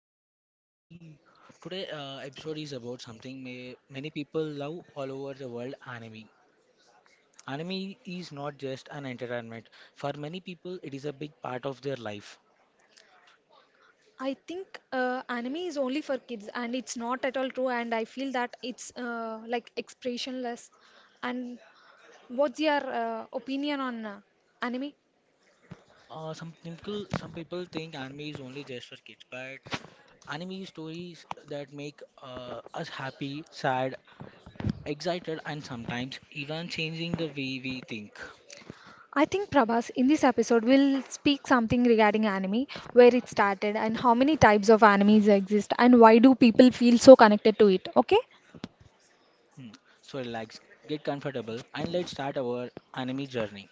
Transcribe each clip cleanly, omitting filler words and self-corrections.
Okay, I am today episode is about something many people love all over the world anime. Anime is not just an entertainment. For many people, it is a big part of their life. I think anime is only for kids and it's not at all true. And I feel that it's like expressionless. And what's your opinion on anime? Some people think anime is only just for kids, but anime is stories that make us happy, sad, excited, and sometimes even changing the way we think. I think Prabhas, in this episode, we will speak something regarding anime, where it started, and how many types of animes exist, and why do people feel so connected to it. Okay? Hmm. So relax, get comfortable, and let's start our anime journey.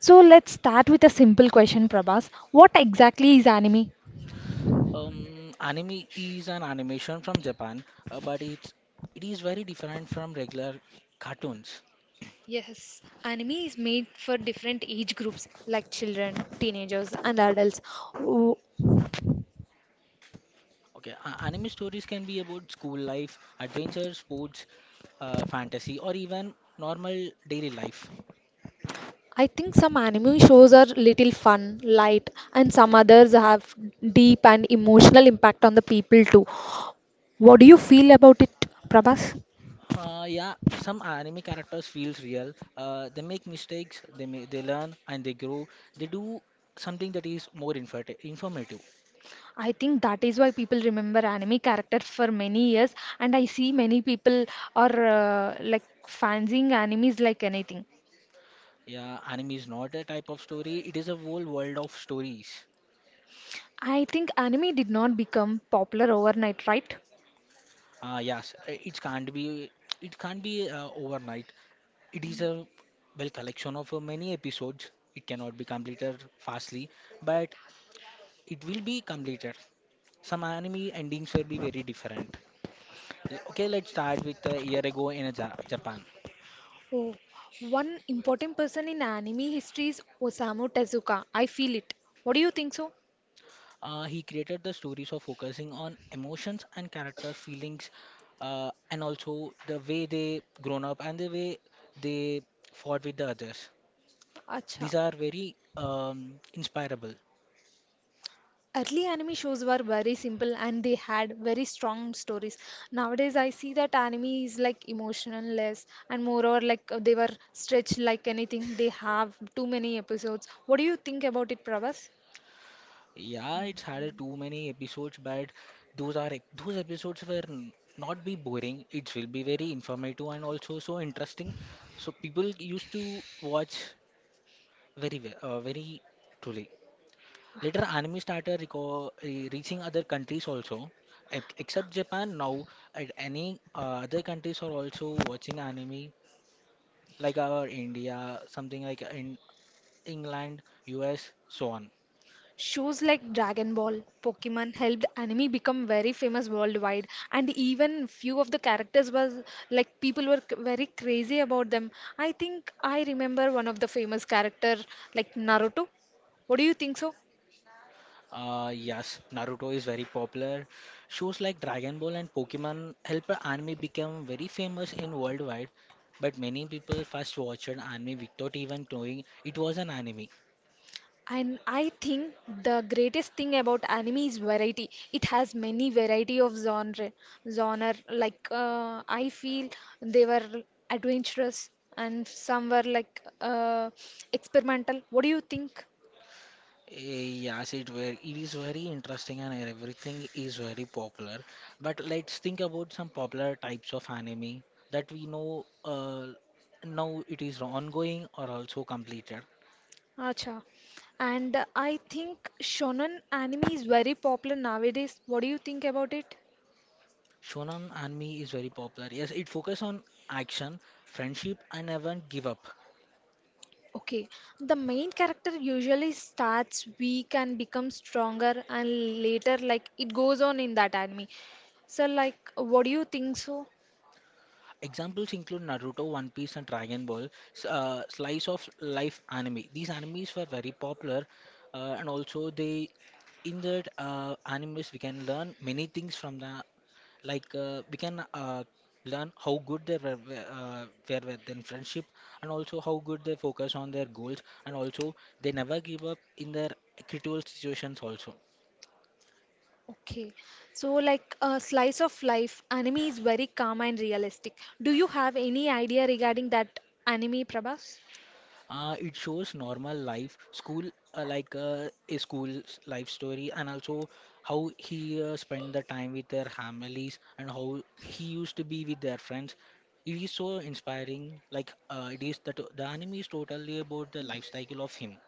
So let's start with a simple question, Prabhas. What exactly is anime? Anime is an animation from Japan, but it is very different from regular cartoons. Yes, anime is made for different age groups like children, teenagers, and adults. Ooh, Okay, anime stories can be about school life, adventure, sports, fantasy, or even normal daily life. I think some anime shows are little fun, light, and some others have deep and emotional impact on the people too. What do you feel about it, Prabhas? Yeah, some anime characters feels real. They make mistakes, they learn and they grow. They do something that is more informative. I think that is why people remember anime character for many years, and I see many people are like fancying animes like anything. Yeah, anime is not a type of story. It is a whole world of stories. I think anime did not become popular overnight, right? Yes, it can't be. It can't be overnight. It is a well collection of many episodes. It cannot be completed fastly, but it will be completed. Some anime endings will be very different. Okay, let's start with a year ago in a Japan. Oh, one important person in anime history is Osamu Tezuka. I feel it. What do you think so? He created the stories of focusing on emotions and character feelings, and also the way they grown up and the way they fought with the others. Acha. These are very inspirable. Early anime shows were very simple and they had very strong stories. Nowadays, I see that anime is like emotional less and moreover like they were stretched like anything. They have too many episodes. What do you think about it, Pravas? Yeah, it's had a too many episodes, but those episodes were not be boring. It will be very informative and also so interesting. So people used to watch very well, very truly. Later, anime started reaching other countries also. Except Japan, now at any other countries are also watching anime, like our India, something like in England, US, so on. Shows like Dragon Ball, Pokemon helped anime become very famous worldwide, and even few of the characters was like people were very crazy about them. I think I remember one of the famous character like Naruto. What do you think so? Yes, Naruto is very popular. Shows like Dragon Ball and Pokemon help anime become very famous in worldwide. But many people first watched anime without even knowing it was an anime. And I think the greatest thing about anime is variety. It has many variety of genre. Genre like I feel they were adventurous and some were like experimental. What do you think? Yes, it were it is very interesting and everything is very popular. But let's think about some popular types of anime that we know now it is ongoing or also completed. Acha. And I think shonen anime is very popular nowadays. What do you think about it? Shonen anime is very popular. Yes, it focuses on action, friendship, and even give up. Okay, the main character usually starts weak and becomes stronger, and later, like, it goes on in that anime. So, like, what do you think so? Examples include Naruto, One Piece, and Dragon Ball, slice of life anime. These animes were very popular, and also they, in that animes, we can learn many things from the we can learn how good they were with in friendship, and also how good they focus on their goals, and also they never give up in their critical situations also. Okay, so, like, a slice of life anime is very calm and realistic. Do you have any idea regarding that anime, Prabhas? It shows normal life, school, a school's life story, and also how he spent the time with their families and how he used to be with their friends. It is so inspiring. It is that the anime is totally about the life cycle of him.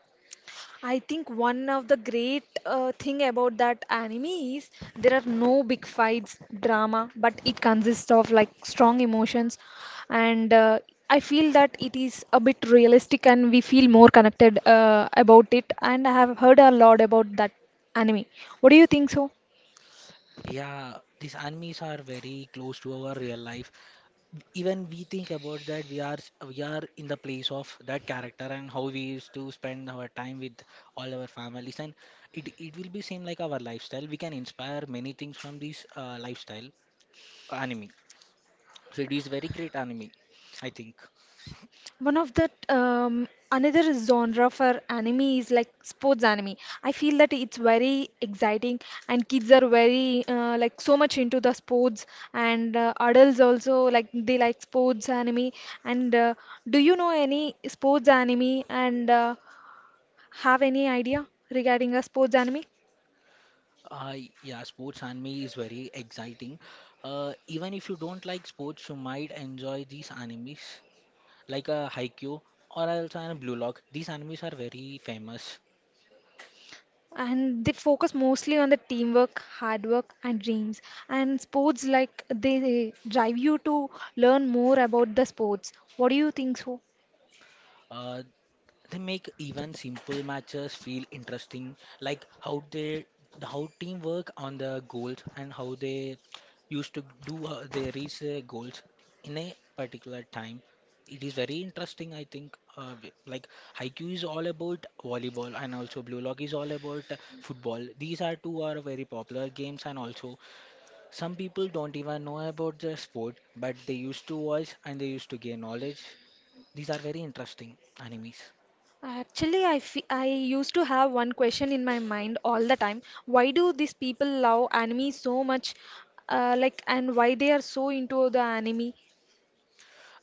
I think one of the great thing about that anime is there are no big fights, drama, but it consists of like strong emotions, and I feel that it is a bit realistic and we feel more connected about it. And I have heard a lot about that anime. What do you think so? Yeah, these animes are very close to our real life. Even we think about that we are in the place of that character and how we used to spend our time with all our families, and it will be same like our lifestyle. We can inspire many things from this lifestyle anime, so it is very great anime, I think. One of the another genre for anime is like sports anime. I feel that it's very exciting, and kids are very like so much into the sports, and adults also like they like sports anime. And do you know any sports anime and have any idea regarding a sports anime? uh, yeah, sports anime is very exciting. uh, Even if you don't like sports, you might enjoy these animes, like a Haikyuu or also a Blue Lock. These animes are very famous. And they focus mostly on the teamwork hard work and dreams and sports like they drive you to learn more about the sports. What do you think so? uh, they make even simple matches feel interesting, like how they how team work on the goals, and how they used to do they reach their goals in a particular time. It is very interesting, I think. Haiku is all about volleyball, and also Blue Lock is all about football. These are two are very popular games, and also some people don't even know about the sport, but they used to watch and they used to gain knowledge. These are very interesting animes. Actually, I used to have one question in my mind all the time. Why do these people love anime so much? Like, and why they are so into the anime?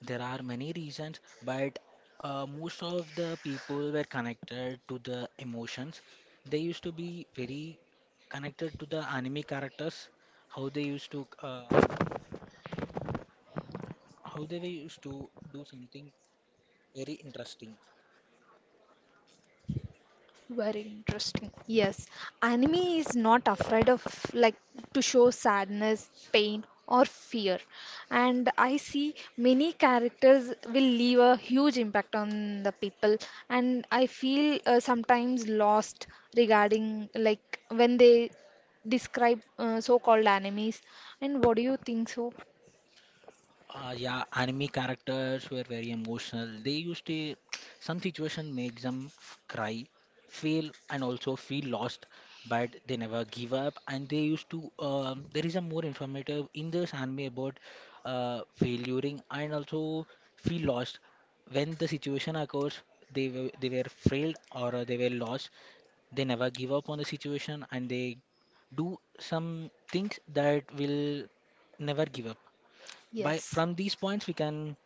There are many reasons, but most of the people were connected to the emotions. They used to be very connected to the anime characters, how they used to how they were used to do something very interesting. Very interesting. Yes, anime is not afraid of like to show sadness, pain, or fear. And I see many characters will leave a huge impact on the people. And I feel sometimes lost regarding like when they describe so-called animes. And what do you think so? Yeah, anime characters were very emotional. They used to, some situation makes them cry, fail, and also feel lost, but they never give up. And they used to, there is a more informative in this anime about failuring and also feel lost. When the situation occurs, they were frailed or they were lost. They never give up on the situation, and they do some things that will never give up. By Yes. from these points, we can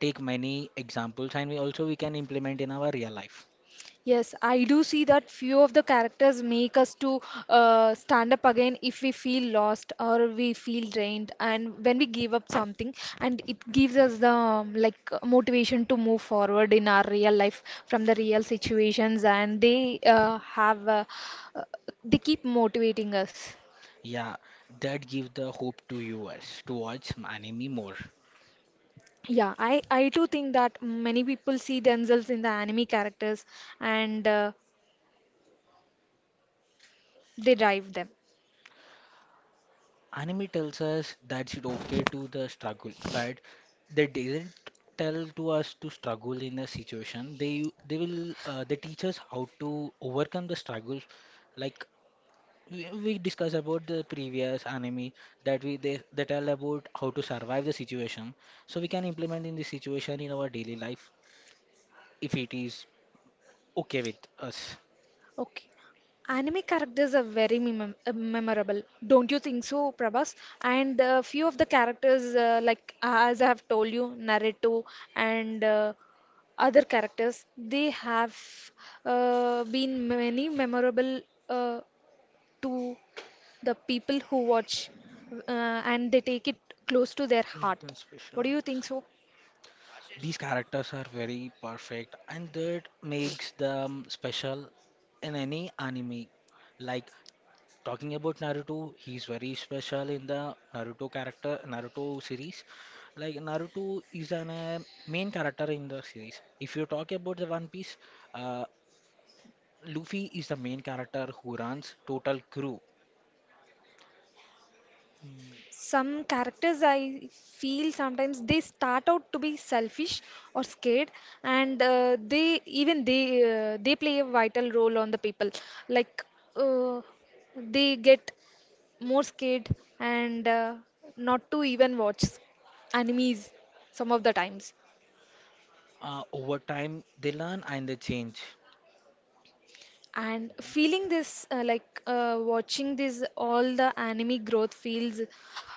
take many examples, and we also we can implement in our real life. Yes, I do see that few of the characters make us to stand up again if we feel lost or we feel drained, and when we give up something, and it gives us the like motivation to move forward in our real life from the real situations, and they have uh, they keep motivating us. Yeah, that gives the hope to us to watch anime more. Yeah, I too think that many people see themselves in the anime characters and they drive them. Anime tells us that it's okay to the struggle, but they didn't tell to us to struggle in a situation. They will they teach us how to overcome the struggles. Like we discussed about the previous anime, that they tell about how to survive the situation, so we can implement in this situation in our daily life, if it is okay with us. Okay. Anime characters are very memorable, don't you think so, Prabhas? And a few of the characters, like as I have told you, Naruto and other characters, they have been many memorable uh, to the people who watch, and they take it close to their Make heart. them What special. do you think so? These characters are very perfect, and that makes them special in any anime. Like, talking about Naruto, he's very special in the Naruto character, Naruto series. Like Naruto is an main character in the series. If you talk about the One Piece, uh, Luffy is the main character who runs total crew. Some characters I feel sometimes they start out to be selfish or scared, and they even they play a vital role on the people. Like uh, they get more scared and not to even watch animes some of the times Over time, they learn and they change. and feeling this like watching this all the anime growth feels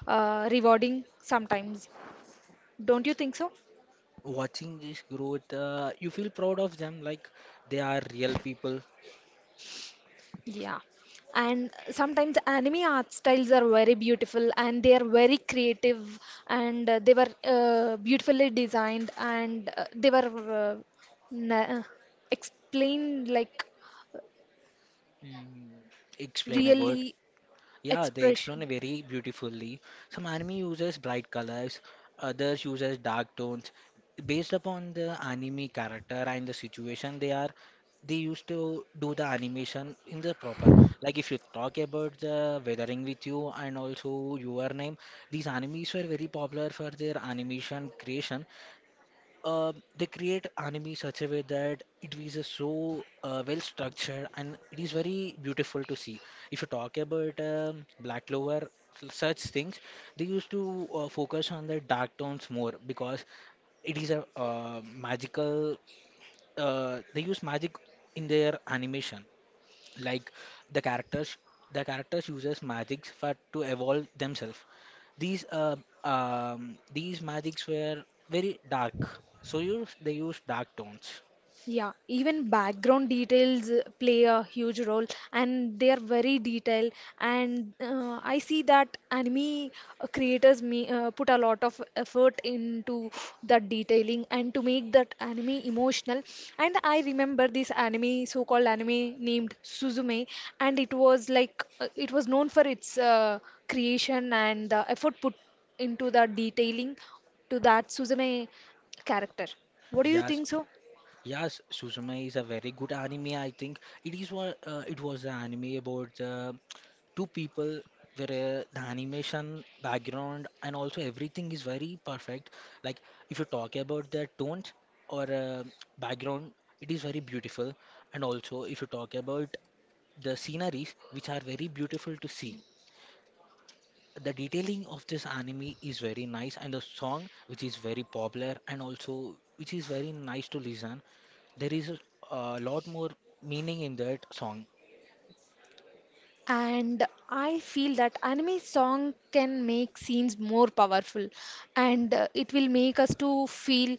rewarding sometimes, don't you think so? Watching this growth, you feel proud of them, like they are real people. Yeah, and sometimes anime art styles are very beautiful and they are very creative and they were beautifully designed and na- explained like Mm. Explain a word. really Yeah, they explain expression. it very beautifully. Some anime uses bright colors, others uses dark tones. Based upon the anime character and the situation they are, they used to do the animation in the proper. Like if you talk about the Weathering with You and also Your Name, these animes were very popular for their animation creation. They create anime such a way that it is a so well structured, and it is very beautiful to see. If you talk about Black Clover, such things, they used to focus on the dark tones more, because it is a magical. They use magic in their animation, like the characters the characters uses magics for to evolve themselves. These these magics were very dark, so you they use dark tones. Yeah, even background details play a huge role and they are very detailed and I see that anime creators may, put a lot of effort into that detailing and to make that anime emotional and I remember this anime so-called anime named Suzume and it was like it was known for its creation and the effort put into the detailing to that Suzume character. What do you Yes, think so? yes, Suzume is a very good anime, I think. It is what it was an anime about the two people, where the animation background and also everything is very perfect. Like if you talk about the tones or background, it is very beautiful. And also, if you talk about the sceneries, which are very beautiful to see. The detailing of this anime is very nice, and the song, which is very popular and also which is very nice to listen. There is a lot more meaning in that song. And I feel that anime song can make scenes more powerful and it will make us to feel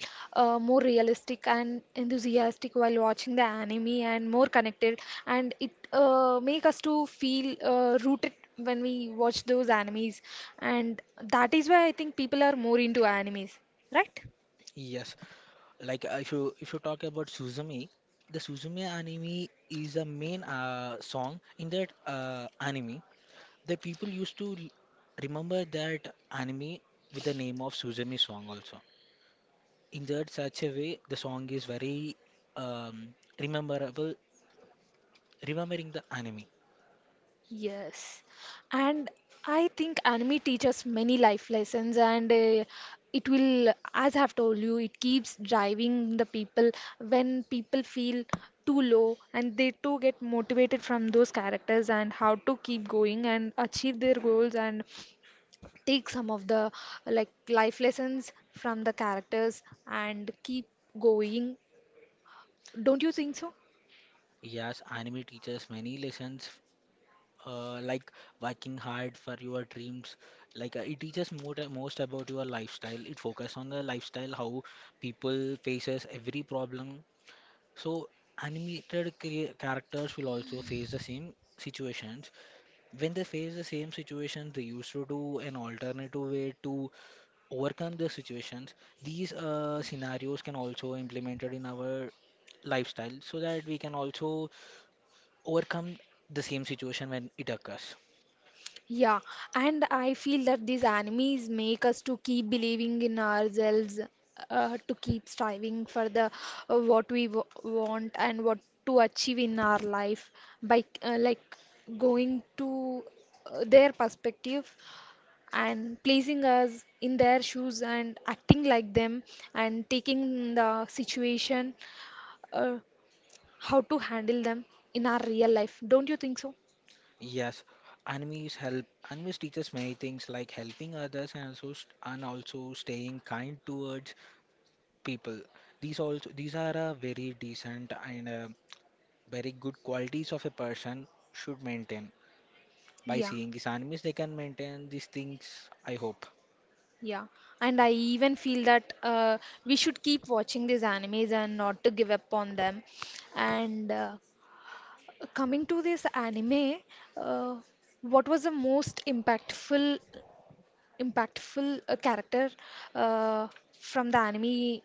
more realistic and enthusiastic while watching the anime and more connected and it make us to feel rooted when we watch those animes and that is why I think people are more into animes, right? Yes, if you talk about Suzume, the Suzume anime is a main song in that anime. The people used to remember that anime with the name of Suzume song also. In that such a way, the song is very um, rememberable, remembering the anime. Yes, and I think anime teaches many life lessons, and it will, as I've told you, it keeps driving the people when people feel too low, and they too get motivated from those characters and how to keep going and achieve their goals and take some of the like life lessons from the characters and keep going. Don't you think so? Yes, anime teaches many lessons, like working hard for your dreams. It teaches more most about your lifestyle. It focuses on the lifestyle, how people faces every problem. So, animated characters will also face the same situations. When they face the same situation, they used to do an alternative way to overcome the situations. These scenarios can also implemented in our lifestyle, so that we can also overcome the same situation when it occurs. Yeah, and I feel that these enemies make us to keep believing in ourselves, to keep striving for the what we w want and what to achieve in our life by like going to their perspective and placing us in their shoes and acting like them and taking the situation, uh, how to handle them in our real life. Don't you think so? Yes, enemies help. Enemies teaches many things, like helping others and also staying kind towards people. These also these are a very decent and very good qualities of a person should maintain. By Yeah. seeing these enemies, they can maintain these things, I hope. Yeah, and I even feel that we should keep watching these animes and not to give up on them. And coming to this anime, uh, what was the most impactful impactful character uh, from the anime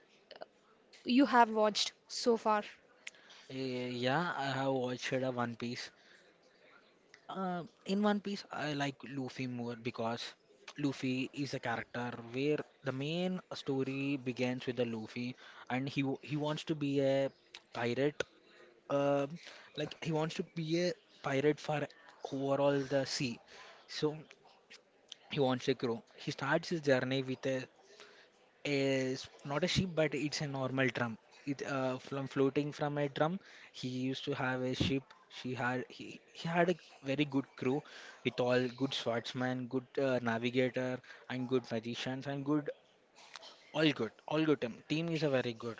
you have watched so far? Eh, yeah, I have watched a One Piece. In One Piece, I like Luffy more, because Luffy is a character where the main story begins with the Luffy, and he wants to be a pirate. Uh, he wants to be a pirate for overall the sea. So he wants a crew. He starts his journey with a is not a sheep, but it's a normal drum. It from floating from a drum. He used to have a ship. She had he had a very good crew with all good swordsman, good navigator, and good magicians, and good all good team. Team is a very good.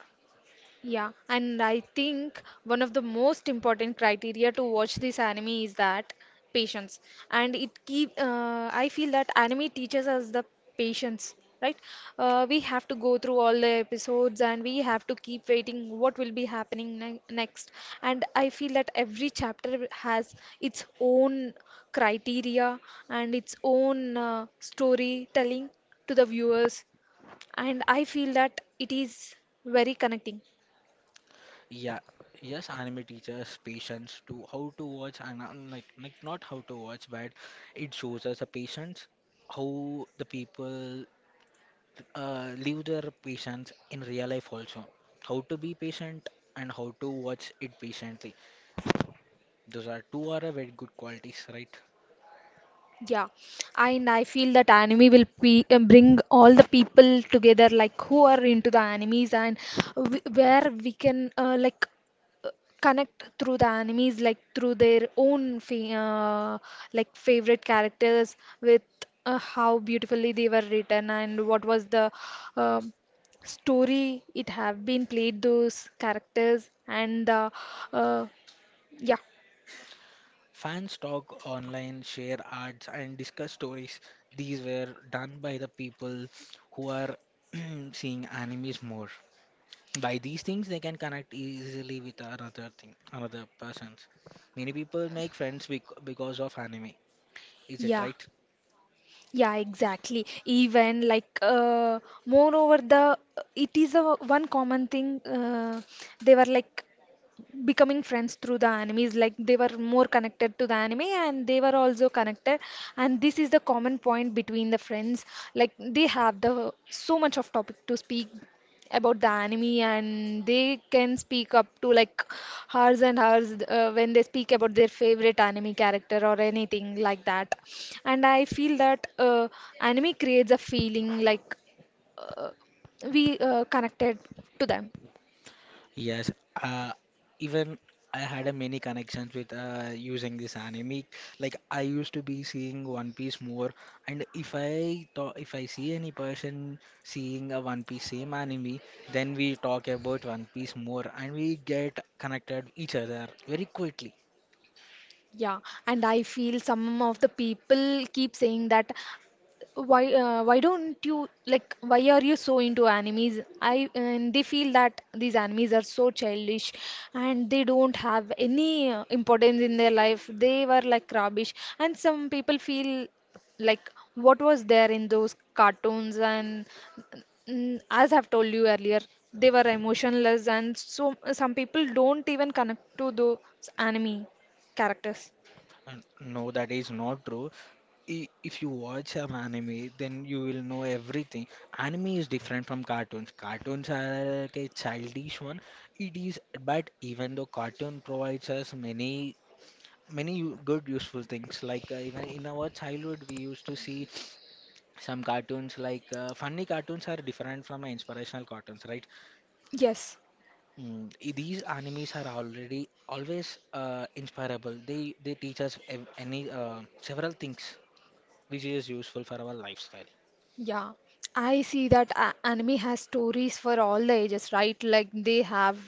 Yeah, and I think one of the most important criteria to watch this anime is that patience. And it keep I feel that anime teaches us the patience, right? We have to go through all the episodes and we have to keep waiting what will be happening ne next. And I feel that every chapter has its own criteria and its own storytelling to the viewers. And I feel that it is very connecting. Yeah, yes, anime teaches patience to how to watch and not how to watch, but it shows us a patience how the people live their patients in real life also. How to be patient and how to watch it patiently. Those are two are a very good qualities, right? Yeah, and I feel that anime will be, bring all the people together, like who are into the animes and w where we can uh, connect through the animes, like through their own fa like favorite characters with how beautifully they were written and what was the um story it have been played those characters and the uh, yeah Fans talk online, share ads, and discuss stories. These were done by the people who are seeing animes more. By these things, they can connect easily with another thing, another persons. Many people make friends because of anime. Is it yeah. right? Yeah, exactly. Even like, moreover, the it is a one common thing. They were like becoming friends through the animes like they were more connected to the anime and they were also connected and this is the common point between the friends like they have the so much of topic to speak about the anime and they can speak up to like hours and hours when they speak about their favorite anime character or anything like that and I feel that anime creates a feeling like uh, we connected to them. Yes, uh, even I had a many connections with using this anime. Like I used to be seeing One Piece more, and if I see any person seeing a One Piece same anime, then we talk about One Piece more, and we get connected each other very quickly. Yeah, and I feel some of the people keep saying that why don't you like why are you so into animes? I and they feel that these animes are so childish and they don't have any importance in their life. They were like rubbish, and some people feel like what was there in those cartoons and as I've told you earlier, they were emotionless and so some people don't even connect to those anime characters. And no, that is not true. If you watch an anime, then you will know everything. Anime is different from cartoons. Cartoons are like a childish one. It is, but even though cartoon provides us many, many good useful things. Like even in our childhood, we used to see some cartoons like funny cartoons are different from inspirational cartoons, right? Yes, These animes are already always inspirable. They teach us ev- any several things which is useful for our lifestyle. yeah. I see that a anime has stories for all the ages, right? Like they have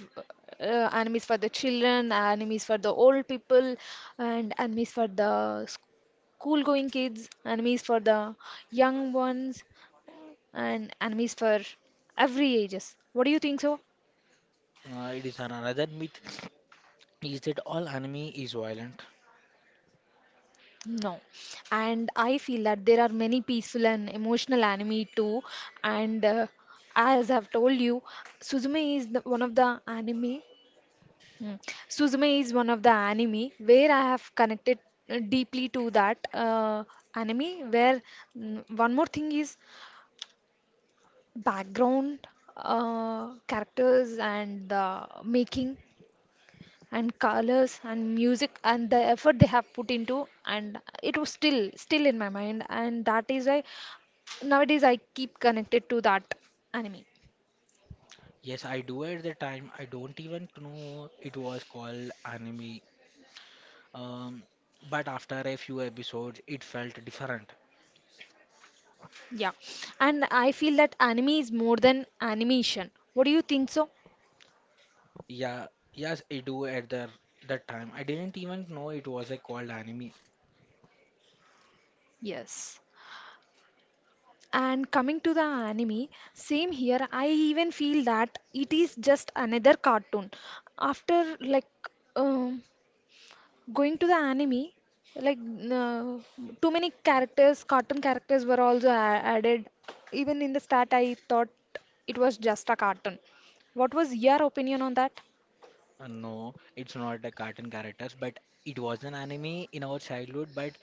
animes for the children, animes for the old people, and animes for the school going kids, animes for the young ones, and animes for every ages. What do you think so? It is another myth is that all anime is violent. No. And I feel that there are many peaceful and emotional anime too. And As I've told you, Suzume is one of the anime. Mm. Suzume is one of the anime where I have connected deeply to that anime. One more thing is background characters, and the making, and colors, and music, and the effort they have put into, and it was still in my mind, and that is why nowadays I keep connected to that anime. Yes, I do at the time. I don't even know it was called anime. Um, but after a few episodes, it felt different. Yeah, and I feel that anime is more than animation. What do you think so? Yeah, yes, I do at the that time. I didn't even know it was a called anime. Yes. And coming to the anime, same here, I even feel that it is just another cartoon. After like um, Going to the anime, like uh, too many characters, cartoon characters were also added. Even in the start, I thought it was just a cartoon. What was your opinion on that? No, it's not the cartoon characters, but it was an anime in our childhood. But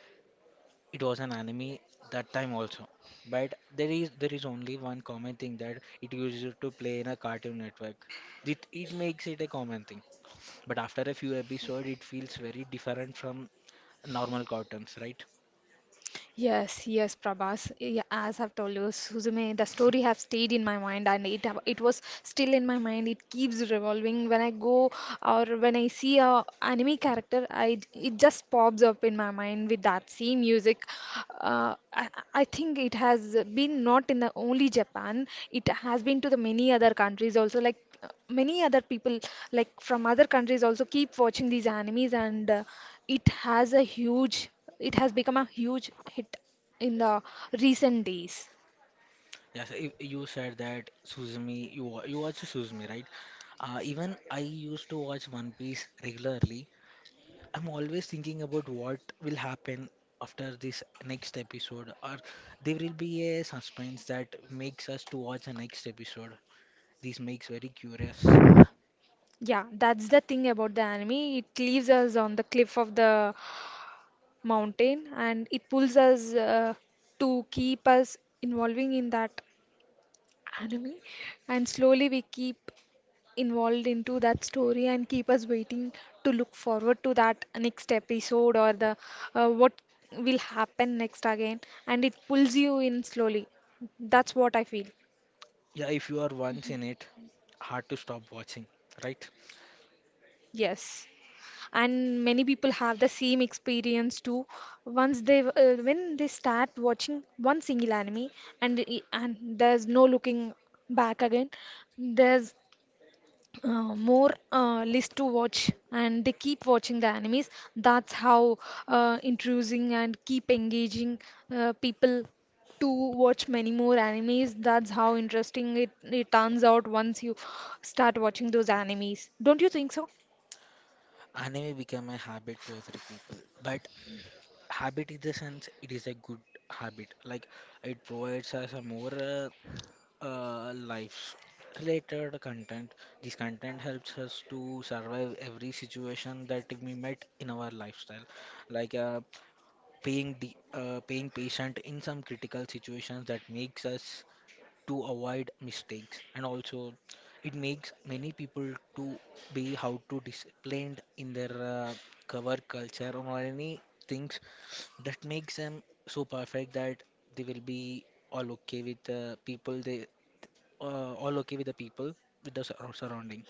it was an anime that time also. But there is only one common thing that it used to play in a Cartoon Network. It makes it a common thing. But after a few episodes, it feels very different from normal cartoons, right? Yes, yes, Prabhas. Yeah, as I've told you, Suzume, the story have stayed in my mind, and it was still in my mind. It keeps revolving when I go, or when I see a anime character. I It just pops up in my mind with that same music. Uh, I, I think it has been not in the only Japan. It has been to the many other countries also, like many other people like from other countries also keep watching these animes, and it has a huge it has become a huge hit in the recent days. Yes, if you said that Suzumi, you watch Suzumi, right? Even I used to watch One Piece regularly. I'm always thinking about what will happen after this next episode, or there will be a suspense that makes us to watch the next episode. This makes very curious. Yeah, that's the thing about the anime. It leaves us on the cliff of the mountain, and it pulls us to keep us involving in that anime. And slowly we keep involved into that story and keep us waiting to look forward to that next episode, or the what will happen next again. And it pulls you in slowly. That's what I feel. Yeah, if you are once in it, hard to stop watching, right? Yes. And many people have the same experience too, once they when they start watching one single anime, and there's no looking back again. There's more list to watch, and they keep watching the animes. That's how intrusing and keep engaging people to watch many more animes. That's how interesting it turns out once you start watching those animes. Don't you think so? Anime became a habit to every people. But habit in the sense, it is a good habit. Like it provides us a more life related content. This content helps us to survive every situation that we met in our lifestyle, like paying patient in some critical situations that makes us to avoid mistakes, and also it makes many people to be how to disciplined in their cover culture or any things that makes them so perfect that they will be all okay with people they all okay with the people with the surrounding.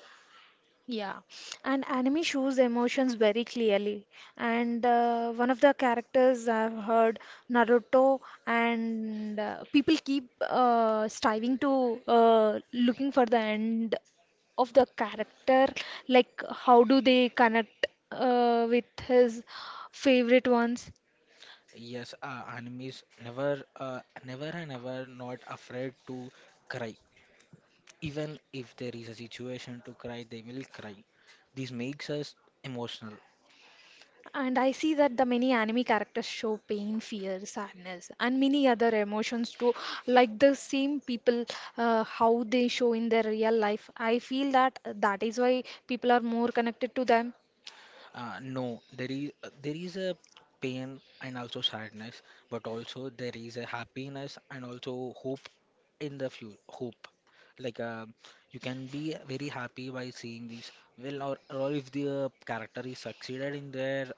Yeah, and anime shows emotions very clearly. And one of the characters I've heard, Naruto, and people keep striving to looking for the end of the character, like how do they connect with his favorite ones. Yes, anime is never and ever not afraid to cry. Even if there is a situation to cry, they will cry. This makes us emotional. And I see that the many anime characters show pain, fear, sadness, and many other emotions too, like the same people, how they show in their real life. I feel that that is why people are more connected to them. No, there is There is a pain and also sadness, but also there is a happiness and also hope in the future. Hope, like you can be very happy by seeing this. Well, or if the character is succeeded in their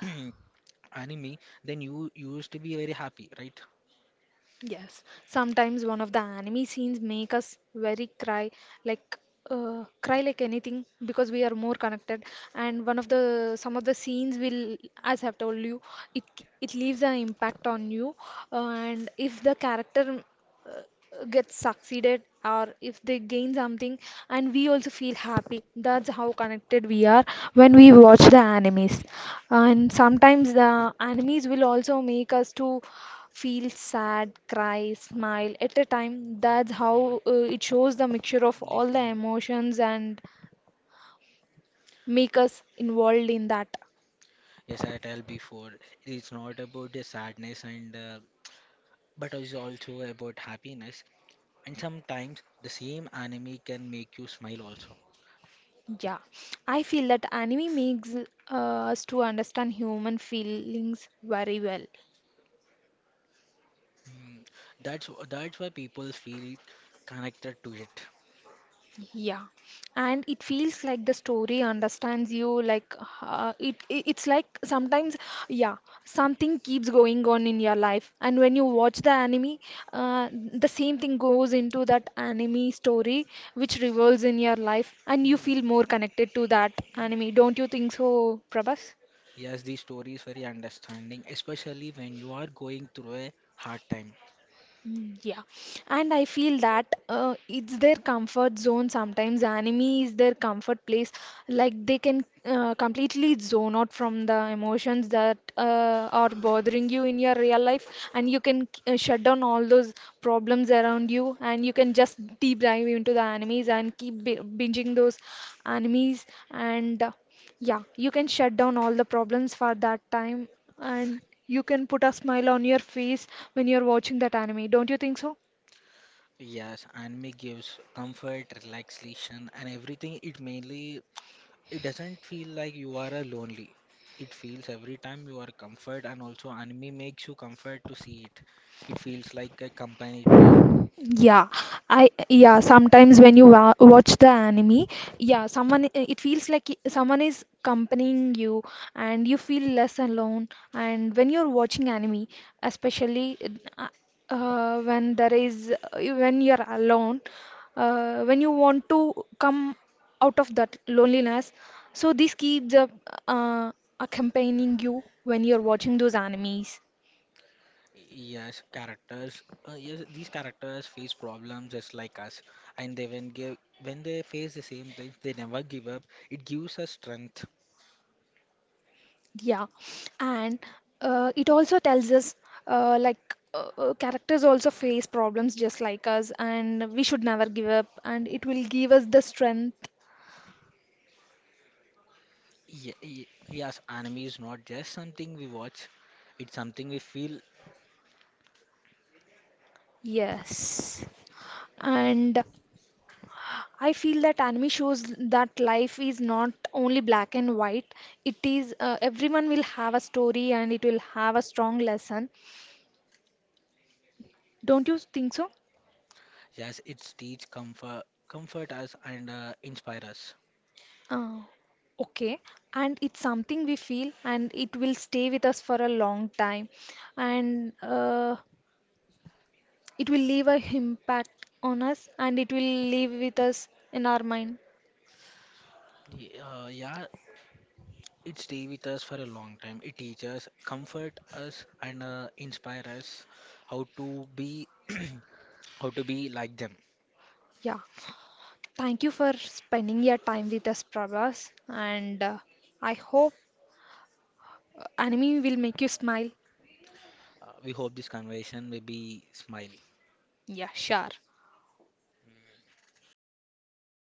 anime, then you used to be very happy, right? Yes, sometimes one of the anime scenes make us very cry, like cry like anything because we are more connected. And one of the some of the scenes will, as I've told you, it it leaves an impact on you, and if the character get succeeded, or if they gain something, and we also feel happy. That's how connected we are when we watch the animes. And sometimes the animes will also make us to feel sad, cry, smile at a time. That's how it shows the mixture of all the Before, emotions and make us involved in that. yes, I tell before, it's not about the sadness and but it's also about happiness. And sometimes the same anime can make you smile also. Yeah, I feel that anime makes us to understand human feelings very well. Mm, that's why people feel connected to it. Yeah, and it feels like the story understands you. Like it's like sometimes, yeah, something keeps going on in your life, and when you watch the anime, the same thing goes into that anime story, which revolves in your life, and you feel more connected to that anime. Don't you think so, Prabhas? Yes, the story is very understanding, especially when you are going through a hard time. Mm, yeah, and I feel that it's their comfort zone sometimes. Anime is their comfort place. Like they can completely zone out from the emotions that are bothering you in your real life, and you can shut down all those problems around you, and you can just deep dive into the animes and keep b binging those animes and. Yeah, you can shut down all the problems for that time, and you can put a smile on your face when you're watching that anime. Don't you think so? Yes, anime gives comfort, relaxation, and everything. It mainly it doesn't feel like you are a lonely. It feels every time you are comfort, and also anime makes you comfort to see it. It feels like a company to it. Yeah, yeah, sometimes when you wa watch the anime, yeah, someone it feels like someone is accompanying you, and you feel less alone. And when you're watching anime, especially uh, when there is when you're alone, when you want to come out of that loneliness, so this keeps up uh, accompanying you when you're watching those animes. Yes, characters. Yes, these characters face problems just like us, and they when they face the same things, they never give up. It gives us strength. Yeah, and it also tells us characters also face problems just like us, and we should never give up, and it will give us the strength. Yes, anime is not just something we watch; it's something we feel. Yes. And I feel that anime shows that life is not only black and white. It is everyone will have a story, and it will have a strong lesson. Don't you think so? Yes, it's teach comfort, comfort us, and inspire us. Ah, okay. And it's something we feel, and it will stay with us for a long time, and it will leave a impact on us, and it will live with us in our mind. Yeah, it stay with us for a long time. It teaches, comfort us, and inspire us how to be, how to be like them. Yeah. Thank you for spending your time with us, Prabhas, and I hope anime will make you smile. We hope this conversation will be smile. Yeah, sure.